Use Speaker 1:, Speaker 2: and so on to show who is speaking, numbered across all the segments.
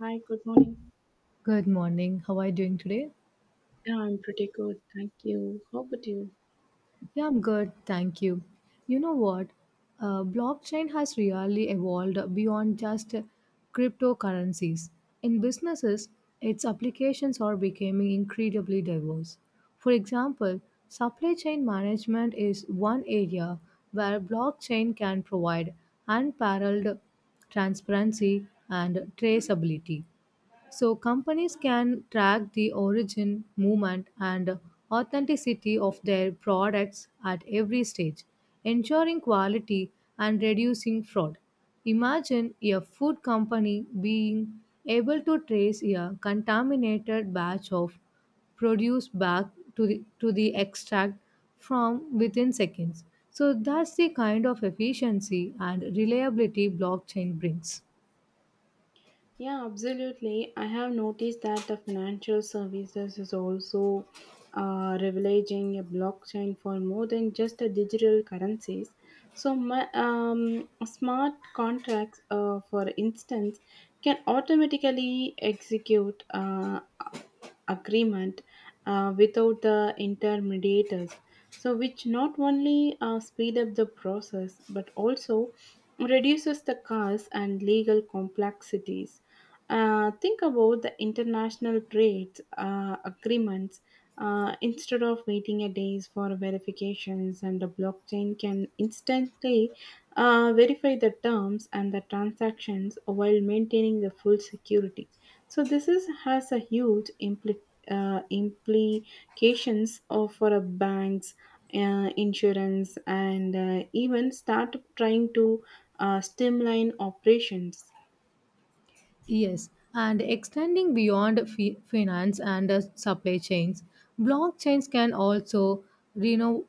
Speaker 1: Hi, good morning.
Speaker 2: Good morning. How are you doing today?
Speaker 1: Yeah, I'm pretty good. Thank you. How about you?
Speaker 2: Yeah, I'm good. Thank you. You know what? Blockchain has really evolved beyond just cryptocurrencies. In businesses, its applications are becoming incredibly diverse. For example, supply chain management is one area where blockchain can provide unparalleled transparency and traceability. So companies can track the origin, movement, and authenticity of their products at every stage, ensuring quality and reducing fraud. Imagine a food company being able to trace a contaminated batch of produce back to the extract from within seconds. So that's the kind of efficiency and reliability blockchain brings.
Speaker 1: Yeah, absolutely. I have noticed that the financial services is also leveraging a blockchain for more than just the digital currencies. So, my, smart contracts, for instance, can automatically execute. Agreement without the intermediators, so which not only speed up the process but also reduces the costs and legal complexities. Think about the international trade agreements. Instead of waiting a days for verifications, and the blockchain can instantly verify the terms and the transactions while maintaining the full security. So this is has a huge implications of for a banks, insurance, and even start trying to streamline operations.
Speaker 2: Yes, and extending beyond finance and supply chains, blockchains can also reno-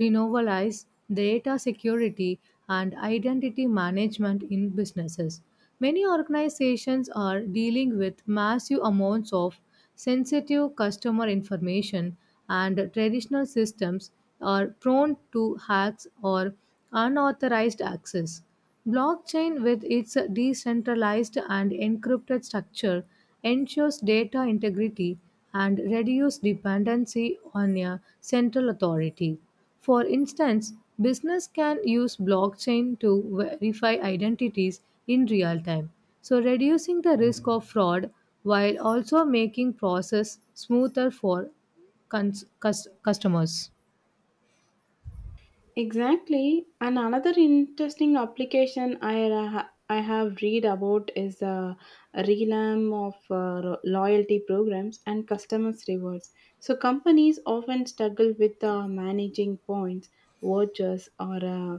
Speaker 2: renovalize data security and identity management in businesses. Many organizations are dealing with massive amounts of sensitive customer information, and traditional systems are prone to hacks or unauthorized access. Blockchain, with its decentralized and encrypted structure, ensures data integrity and reduces dependency on a central authority. For instance, business can use blockchain to verify identities in real time, so reducing the risk of fraud while also making process smoother for customers.
Speaker 1: Exactly. And another interesting application I have read about is a realm of loyalty programs and customers rewards. So companies often struggle with managing points, vouchers, or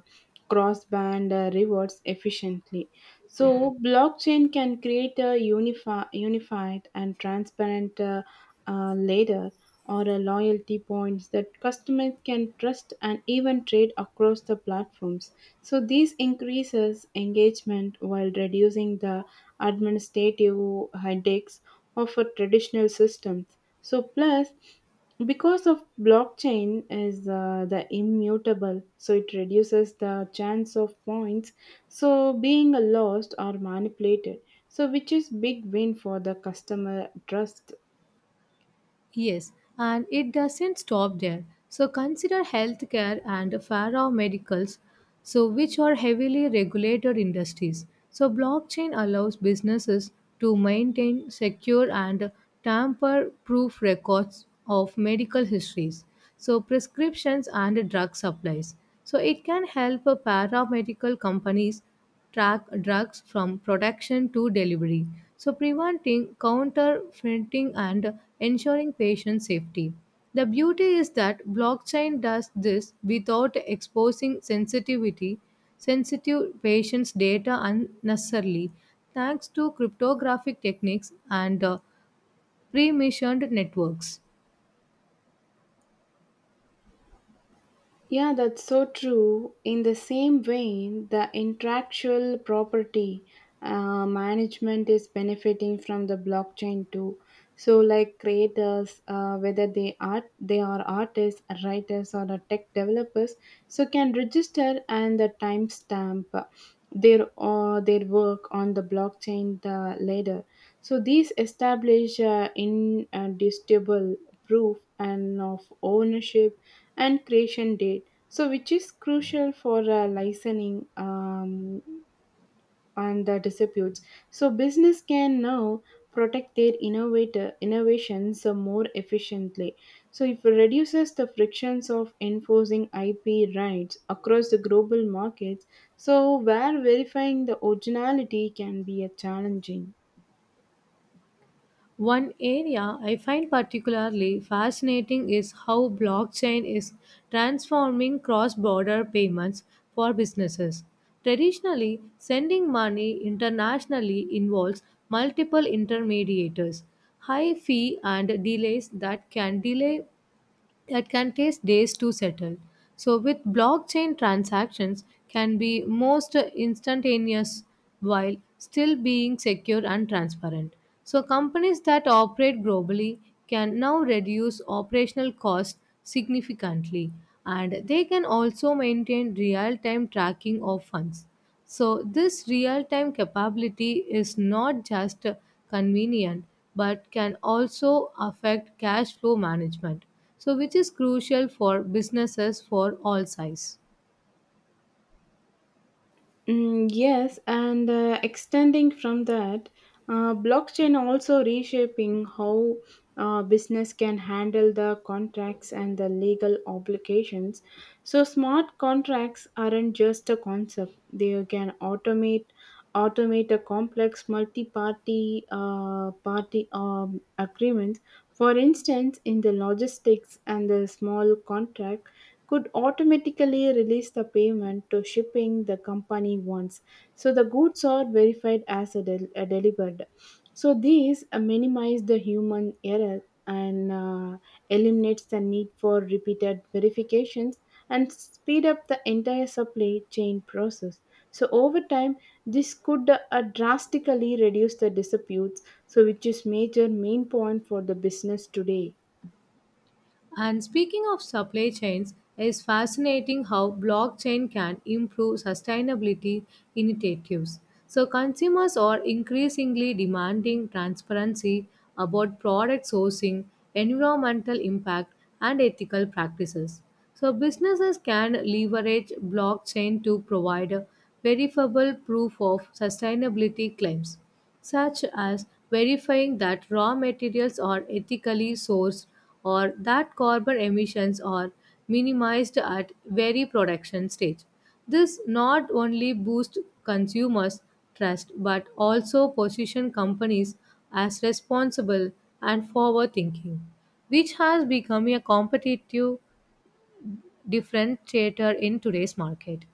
Speaker 1: cross-band rewards efficiently. So blockchain can create a unified and transparent ladder or a loyalty points that customers can trust and even trade across the platforms. So this increases engagement while reducing the administrative headaches of a traditional systems. So plus because of blockchain is the immutable, so it reduces the chance of points so being lost or manipulated, so which is big win for the customer trust.
Speaker 2: Yes, and it doesn't stop there. So consider healthcare and pharmaceuticals, so which are heavily regulated industries. So blockchain allows businesses to maintain secure and tamper-proof records of medical histories, so prescriptions and drug supplies. So it can help paramedical companies track drugs from production to delivery. So, preventing counterfeiting and ensuring patient safety. The beauty is that blockchain does this without exposing sensitivity, sensitive patients' data unnecessarily, thanks to cryptographic techniques and pre-missioned networks.
Speaker 1: Yeah, that's so true. In the same vein, the intellectual property management is benefiting from the blockchain too. So, like creators, whether they are artists, writers, or the tech developers, so can register and the timestamp their or their work on the blockchain the later. So these establish indisputable proof and of ownership and creation date, so which is crucial for licensing and the disputes. So business can now protect their innovator innovations more efficiently. So it reduces the frictions of enforcing IP rights across the global markets, so where verifying the originality can be a challenging.
Speaker 2: One area I find particularly fascinating is how blockchain is transforming cross border payments for businesses. Traditionally, sending money internationally involves multiple intermediators, high fee, and delays that can delay that can take days to settle. So with blockchain transactions can be most instantaneous while still being secure and transparent. So companies that operate globally can now reduce operational costs significantly and they can also maintain real-time tracking of funds. So, this real time capability is not just convenient but can also affect cash flow management, so which is crucial for businesses for all size.
Speaker 1: Mm, yes, and extending from that, blockchain also reshaping how business can handle the contracts and the legal obligations. So smart contracts aren't just a concept; they can automate a complex multi-party party agreements. For instance, in the logistics and the small contract could automatically release the payment to shipping the company wants. So the goods are verified as delivered. So these minimize the human error and eliminates the need for repeated verifications and speed up the entire supply chain process. So over time, this could drastically reduce the disputes, so which is major main point for the business today.
Speaker 2: And speaking of supply chains, it's fascinating how blockchain can improve sustainability initiatives. So, consumers are increasingly demanding transparency about product sourcing, environmental impact, and ethical practices. So, businesses can leverage blockchain to provide verifiable proof of sustainability claims such as verifying that raw materials are ethically sourced or that carbon emissions are minimized at very production stage. This not only boosts consumers' trust but also position companies as responsible and forward thinking, which has become a competitive differentiator in today's market.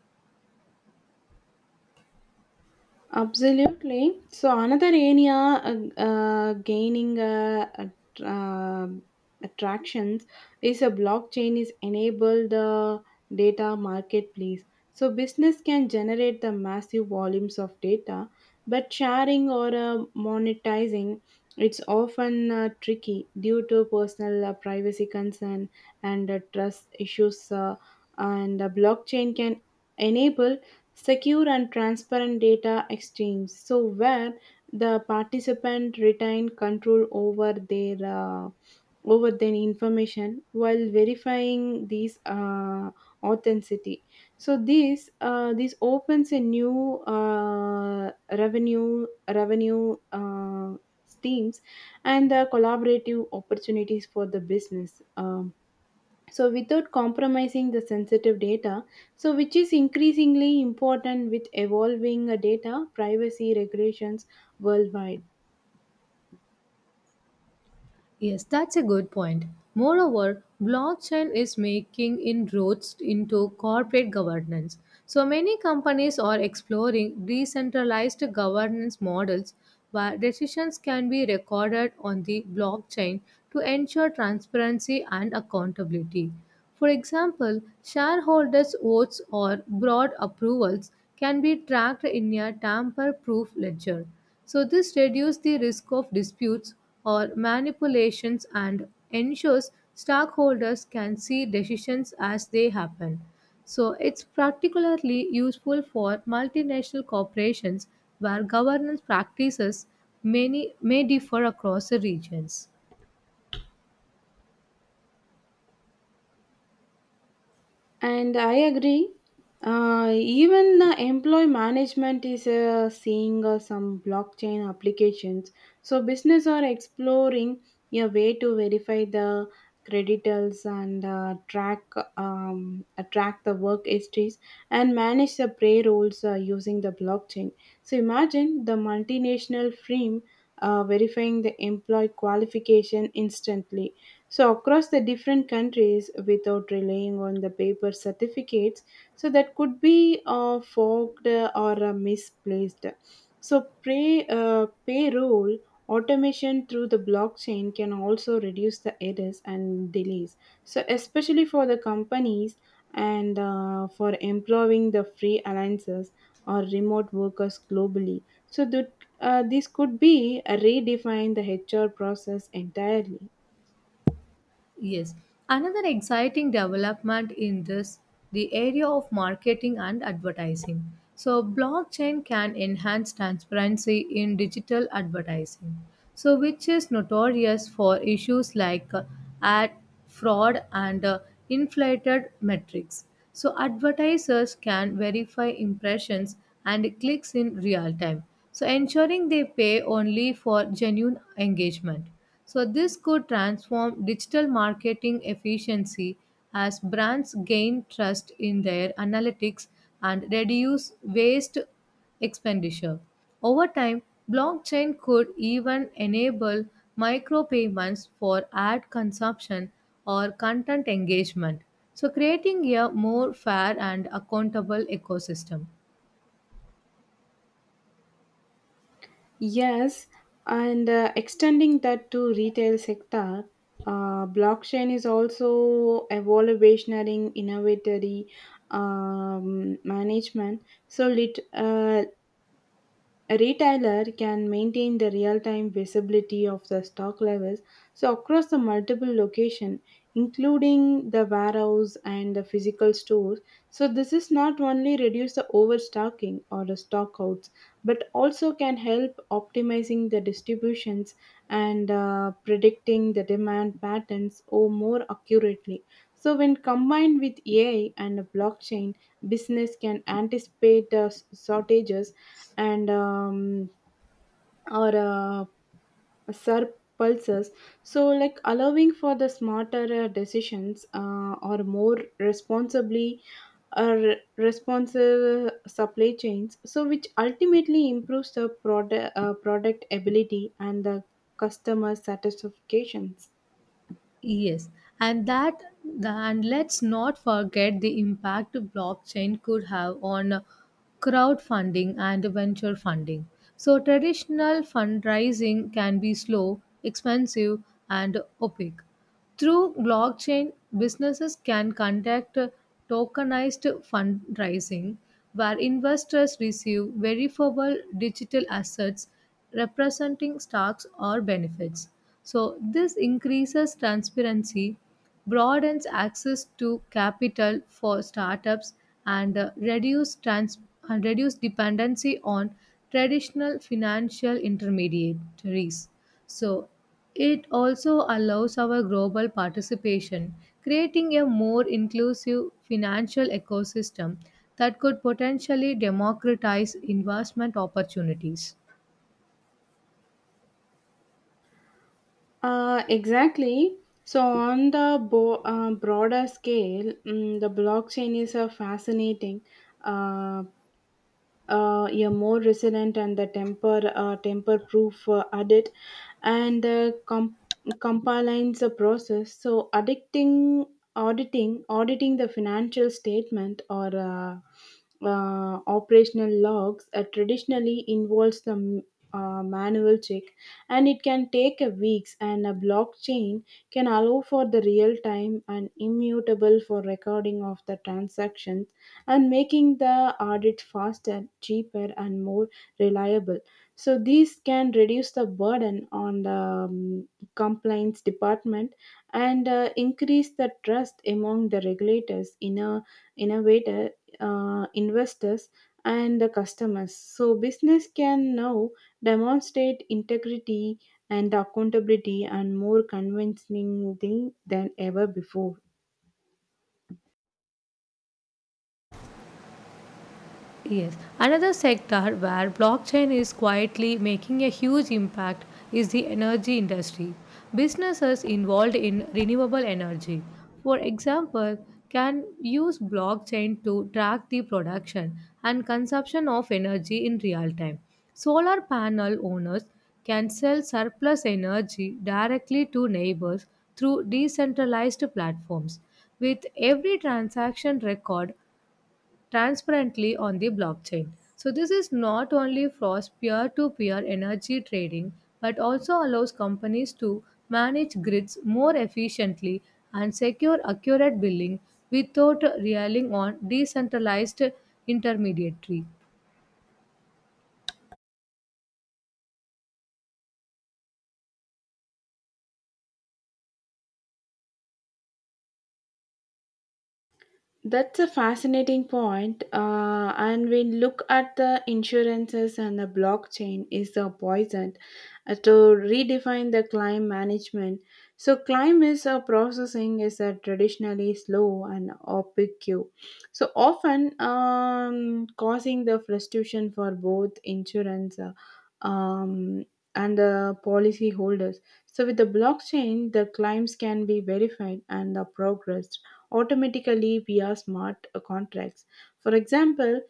Speaker 1: Absolutely. So another area gaining um attractions is a blockchain is enable the data marketplace. So business can generate the massive volumes of data, but sharing or monetizing it's often tricky due to personal privacy concern and trust issues. And the blockchain can enable secure and transparent data exchange, so where the participant retain control over their information while verifying these authenticity. So this opens a new revenue revenue streams and the collaborative opportunities for the business. So without compromising the sensitive data, so which is increasingly important with evolving data privacy regulations worldwide.
Speaker 2: Yes, that's a good point. Moreover, blockchain is making inroads into corporate governance. So many companies are exploring decentralized governance models where decisions can be recorded on the blockchain to ensure transparency and accountability. For example, shareholders' votes or broad approvals can be tracked in a tamper proof ledger. So, this reduces the risk of disputes or manipulations and ensures stockholders can see decisions as they happen. So, it's particularly useful for multinational corporations where governance practices may differ across the regions.
Speaker 1: And I agree. Even employee management is seeing some blockchain applications. So business are exploring a way to verify the creditals and track the work histories and manage the payrolls using the blockchain. So imagine the multinational firm verifying the employee qualification instantly so across the different countries without relying on the paper certificates, so that could be forged or misplaced. So payroll automation through the blockchain can also reduce the errors and delays, so especially for the companies and for employing the free alliances or remote workers globally, so that this could be redefine the HR process entirely.
Speaker 2: Yes, another exciting development in this the area of marketing and advertising. So blockchain can enhance transparency in digital advertising. So which is notorious for issues like ad fraud and inflated metrics. So advertisers can verify impressions and clicks in real time. So ensuring they pay only for genuine engagement. So, this could transform digital marketing efficiency as brands gain trust in their analytics and reduce waste expenditure. Over time, blockchain could even enable micropayments for ad consumption or content engagement, so creating a more fair and accountable ecosystem.
Speaker 1: Yes, and extending that to retail sector, blockchain is also evaluationary innovatory management. So a retailer can maintain the real-time visibility of the stock levels so across the multiple location including the warehouse and the physical stores, so this is not only reduce the overstocking or the stockouts but also can help optimizing the distributions and predicting the demand patterns or more accurately. So when combined with AI and blockchain, business can anticipate shortages and or surpluses, so like allowing for the smarter decisions or more responsibly or responsive supply chains, so which ultimately improves the product ability and the customer satisfactions.
Speaker 2: Yes, and let's not forget the impact blockchain could have on crowdfunding and venture funding. So traditional fundraising can be slow, expensive, and opaque. Through blockchain, businesses can conduct tokenized fundraising where investors receive verifiable digital assets representing stocks or benefits. So, this increases transparency, broadens access to capital for startups, and and reduce dependency on traditional financial intermediaries. So, it also allows our global participation, creating a more inclusive financial ecosystem that could potentially democratize investment opportunities.
Speaker 1: Exactly. So, on the broader scale, mm, the blockchain is a fascinating, uh, yeah, more resilient and the temper proof audit and the compliance process. So addicting auditing auditing the financial statement or operational logs traditionally involves the manual check, and it can take a weeks, and a blockchain can allow for the real time and immutable for recording of the transactions, and making the audit faster, cheaper, and more reliable. So these can reduce the burden on the um, compliance department and increase the trust among the regulators, innovator, investors, and the customers. So business can now demonstrate integrity and accountability and more convincingly than ever before.
Speaker 2: Yes, another sector where blockchain is quietly making a huge impact is the energy industry. Businesses involved in renewable energy, for example, can use blockchain to track the production and consumption of energy in real time. Solar panel owners can sell surplus energy directly to neighbors through decentralized platforms. With every transaction record, transparently on the blockchain. So, this is not only frost peer to peer energy trading but also allows companies to manage grids more efficiently and secure accurate billing without relying on decentralized intermediary.
Speaker 1: That's a fascinating point. And we look at the insurances and the blockchain is the poison to redefine the claim management. So claim is processing is traditionally slow and opaque. So often causing the frustration for both insurance um, and the policy holders. So with the blockchain, the claims can be verified and the progress automatically via smart contracts. For example,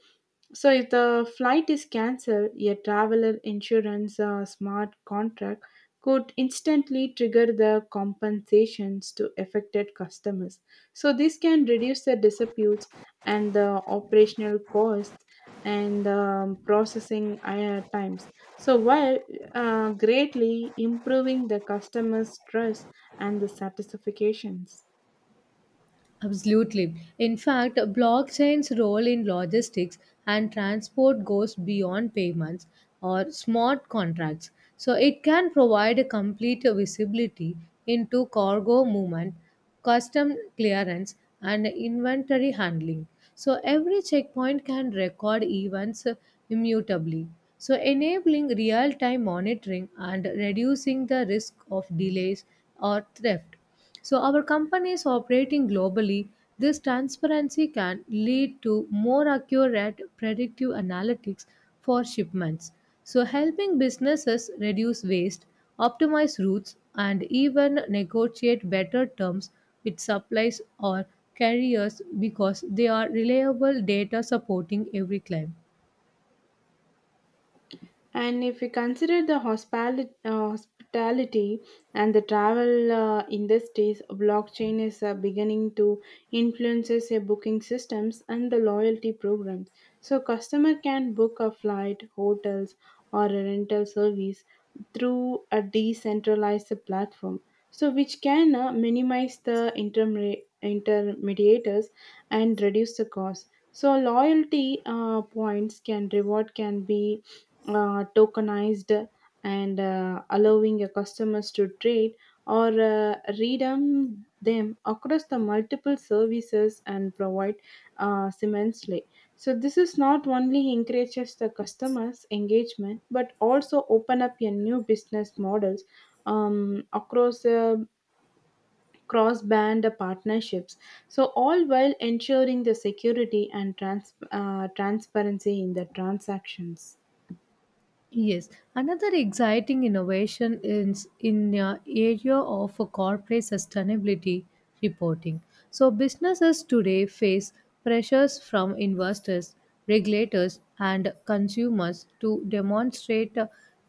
Speaker 1: so if the flight is cancelled, a traveler insurance smart contract could instantly trigger the compensations to affected customers. So this can reduce the disputes and the operational costs and processing times. So while greatly improving the customers' trust and the satisfactions.
Speaker 2: Absolutely. In fact, blockchain's role in logistics and transport goes beyond payments or smart contracts. So it can provide a complete visibility into cargo movement, custom clearance, and inventory handling. So every checkpoint can record events immutably. So enabling real time monitoring and reducing the risk of delays or theft. So, our companies operating globally, this transparency can lead to more accurate predictive analytics for shipments. So, helping businesses reduce waste, optimize routes, and even negotiate better terms with suppliers or carriers because they are reliable data supporting every claim.
Speaker 1: And if we consider the hospitality and the travel industries, blockchain is beginning to influences a booking systems and the loyalty programs. So customer can book a flight, hotels, or a rental service through a decentralized platform, so which can minimize the intermediators and reduce the cost. So loyalty points can reward can be tokenized and allowing your customers to trade or redeem them across the multiple services and provide immensely. So this is not only encourages the customers engagement but also open up your new business models across cross band partnerships. So all while ensuring the security and transparency in the transactions.
Speaker 2: Yes, another exciting innovation is in the area of corporate sustainability reporting. So businesses today face pressures from investors, regulators, and consumers to demonstrate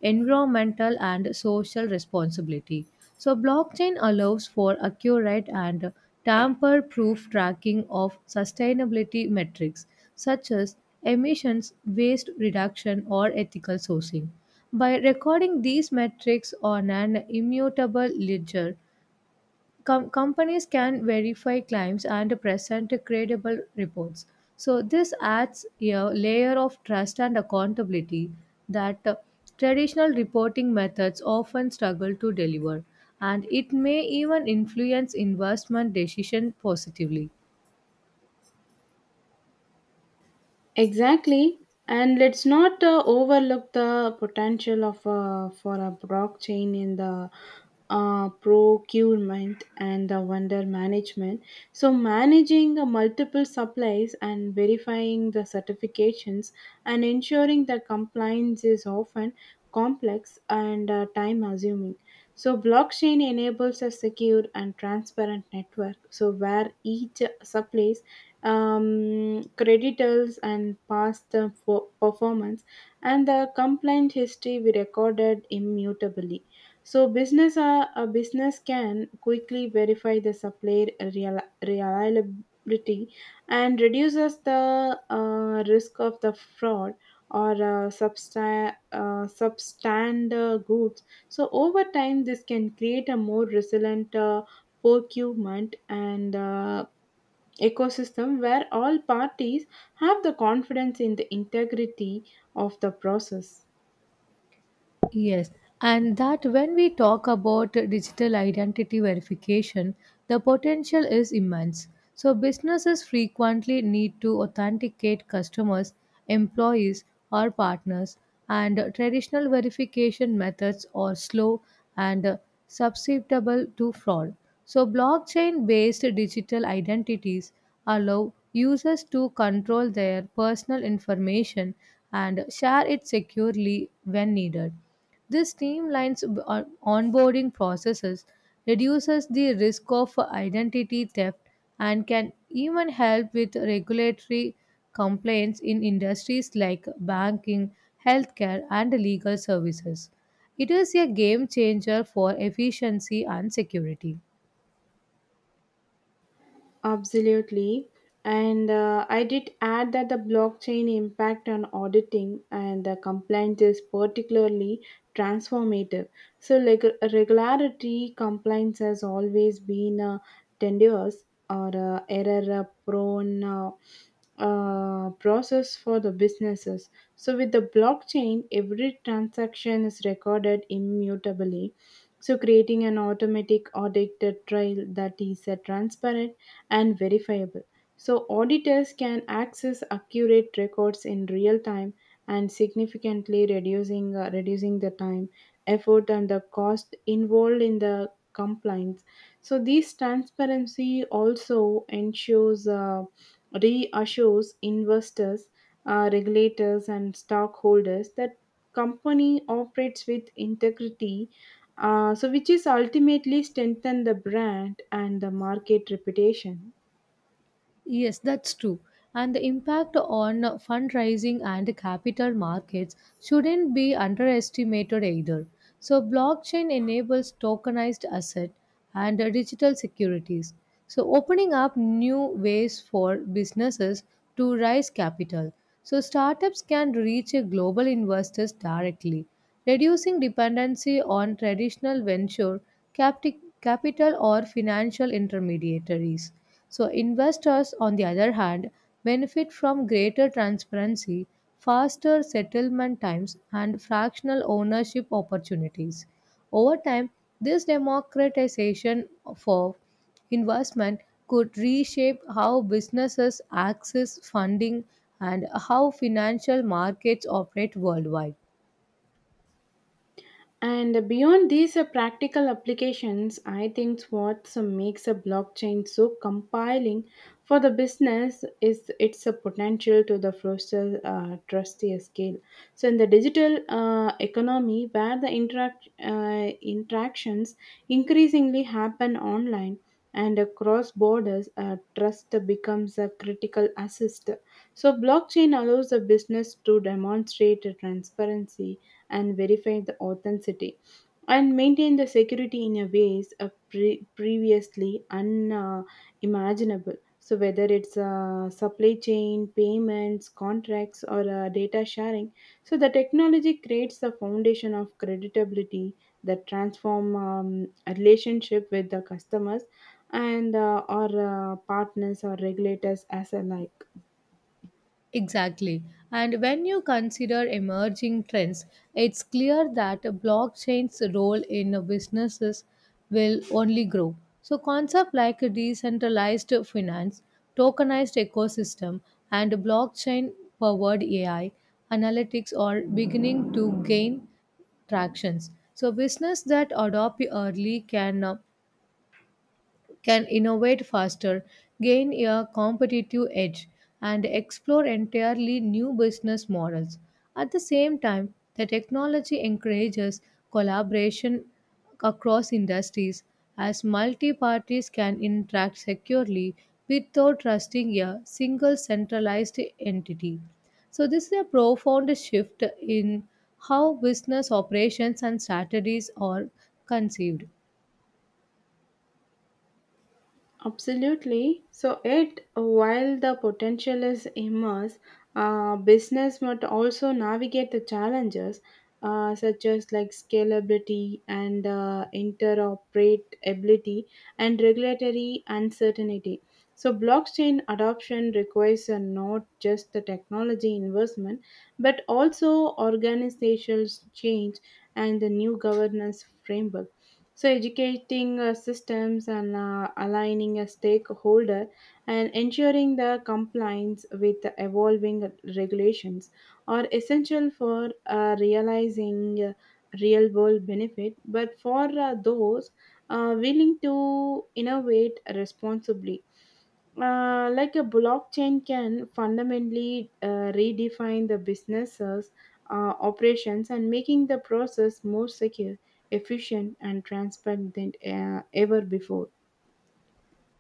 Speaker 2: environmental and social responsibility. So blockchain allows for accurate and tamper-proof tracking of sustainability metrics such as emissions, waste reduction, or ethical sourcing. By recording these metrics on an immutable ledger, companies can verify claims and present credible reports. So, this adds a layer of trust and accountability that traditional reporting methods often struggle to deliver, and it may even influence investment decisions positively.
Speaker 1: Exactly, and let's not overlook the potential of for a blockchain in the procurement and the vendor management. So managing the multiple supplies and verifying the certifications and ensuring that compliance is often complex and time assuming. So, blockchain enables a secure and transparent network. So, where each supplies creditors and past the performance and the complaint history we recorded immutably. So, business a business can quickly verify the supplier reliability and reduces the risk of the fraud or substandard good. So over time, this can create a more resilient procurement and ecosystem where all parties have the confidence in the integrity of the process.
Speaker 2: Yes, and that when we talk about digital identity verification, the potential is immense. So, businesses frequently need to authenticate customers, employees, or partners, and traditional verification methods are slow and susceptible to fraud. So, blockchain based digital identities allow users to control their personal information and share it securely when needed. This streamlines onboarding processes, reduces the risk of identity theft, and can even help with regulatory complaints in industries like banking, healthcare, and legal services. It is a game changer for efficiency and security.
Speaker 1: Absolutely. And I did add that the blockchain impact on auditing and the compliance is particularly transformative. So, like regularity compliance has always been a tenuous or error prone process for the businesses. So, with the blockchain, every transaction is recorded immutably. So, creating an automatic audit trail that is transparent and verifiable. So, auditors can access accurate records in real time and significantly reducing the time, effort, and the cost involved in the compliance. So, this transparency also reassures investors, regulators, and stockholders that company operates with integrity, so which is ultimately strengthen the brand and the market reputation.
Speaker 2: Yes, that's true. And the impact on fundraising and capital markets shouldn't be underestimated either. So, blockchain enables tokenized asset and digital securities. So, opening up new ways for businesses to raise capital. So, startups can reach a global investors directly, reducing dependency on traditional venture capital or financial intermediaries. So, investors, on the other hand, benefit from greater transparency, faster settlement times, and fractional ownership opportunities. Over time, this democratization for investment could reshape how businesses access funding and how financial markets operate worldwide.
Speaker 1: And beyond these practical applications, I think what makes a blockchain so compelling for the business is its potential to the foster trusty scale. So, in the digital economy, where the interactions increasingly happen online and across borders, trust becomes a critical assist. So, blockchain allows the business to demonstrate transparency and verify the authenticity and maintain the security in a ways of previously unimaginable. So whether it's supply chain, payments, contracts, or data sharing, so the technology creates the foundation of credibility that transform a relationship with the customers and or partners or regulators as alike.
Speaker 2: Exactly. And when you consider emerging trends, it's clear that blockchain's role in businesses will only grow. So, concepts like decentralized finance, tokenized ecosystem, and blockchain powered AI analytics are beginning to gain tractions. So, business that adopt early can innovate faster, gain a competitive edge, and explore entirely new business models. At the same time, the technology encourages collaboration across industries as multi parties can interact securely without trusting a single centralized entity. So, this is a profound shift in how business operations and strategies are conceived.
Speaker 1: Absolutely. So, it while the potential is immense, business must also navigate the challenges such as like scalability and interoperability and regulatory uncertainty. So, blockchain adoption requires not just the technology investment but also organizational change and the new governance framework, so educating systems and aligning a stakeholder and ensuring the compliance with the evolving regulations are essential for realizing real world benefit, but for those willing to innovate responsibly, like a blockchain can fundamentally redefine the businesses operations and making the process more secure, efficient, and transparent than ever before.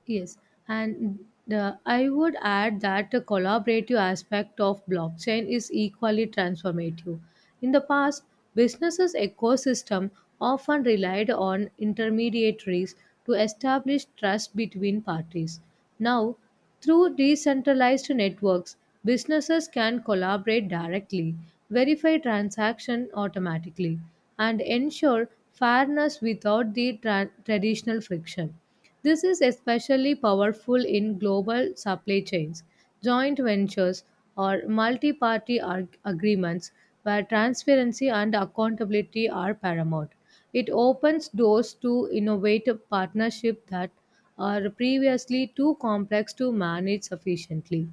Speaker 2: Yes, and I would add that the collaborative aspect of blockchain is equally transformative. In the past, businesses' ecosystem often relied on intermediaries to establish trust between parties. Now, through decentralized networks, businesses can collaborate directly, verify transaction automatically, and ensure fairness without the traditional friction. This is especially powerful in global supply chains, joint ventures, or multi party agreements where transparency and accountability are paramount. It opens doors to innovative partnerships that are previously too complex to manage sufficiently.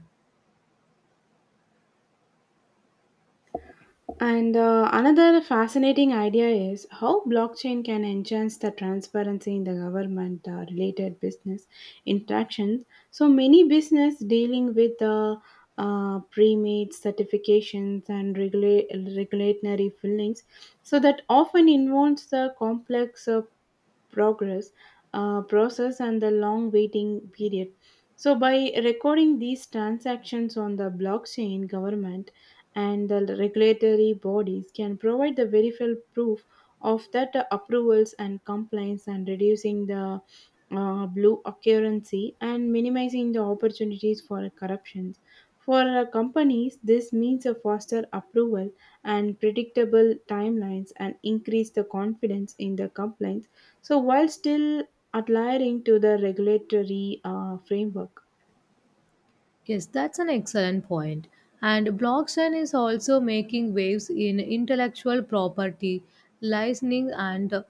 Speaker 1: And another fascinating idea is how blockchain can enhance the transparency in the government related business interactions. So many business dealing with the pre-made certifications and regulatory fillings, so that often involves the complex progress process and the long waiting period. So by recording these transactions on the blockchain, government and the regulatory bodies can provide the verifiable proof of that approvals and compliance and reducing the blue occupancy and minimizing the opportunities for corruptions. For companies, this means a faster approval and predictable timelines and increase the confidence in the compliance. So while still adhering to the regulatory framework.
Speaker 2: Yes, that's an excellent point. And blockchain is also making waves in intellectual property, licensing, and uh,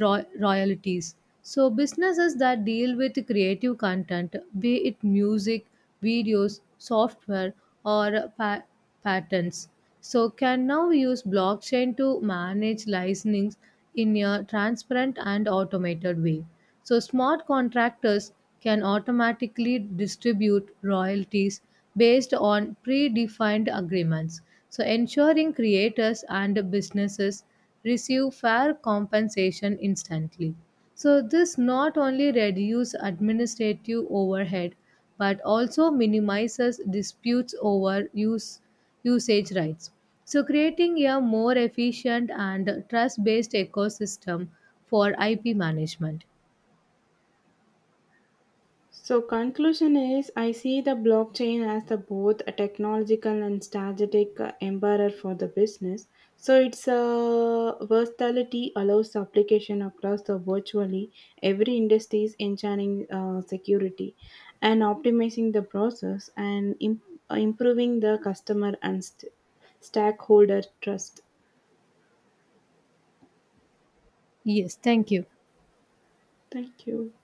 Speaker 2: ro- royalties. So, businesses that deal with creative content, be it music, videos, software, or patents, so can now use blockchain to manage licensing in a transparent and automated way. So, smart contractors can automatically distribute royalties based on predefined agreements. So, ensuring creators and businesses receive fair compensation instantly. So, this not only reduces administrative overhead but also minimizes disputes over usage rights. So, creating a more efficient and trust based ecosystem for IP management.
Speaker 1: So conclusion is I see the blockchain as the both a technological and strategic empower for the business. So its versatility allows application across the virtually every industries, ensuring security and optimizing the process and improving the customer and stakeholder trust.
Speaker 2: Yes, thank you.
Speaker 1: Thank you.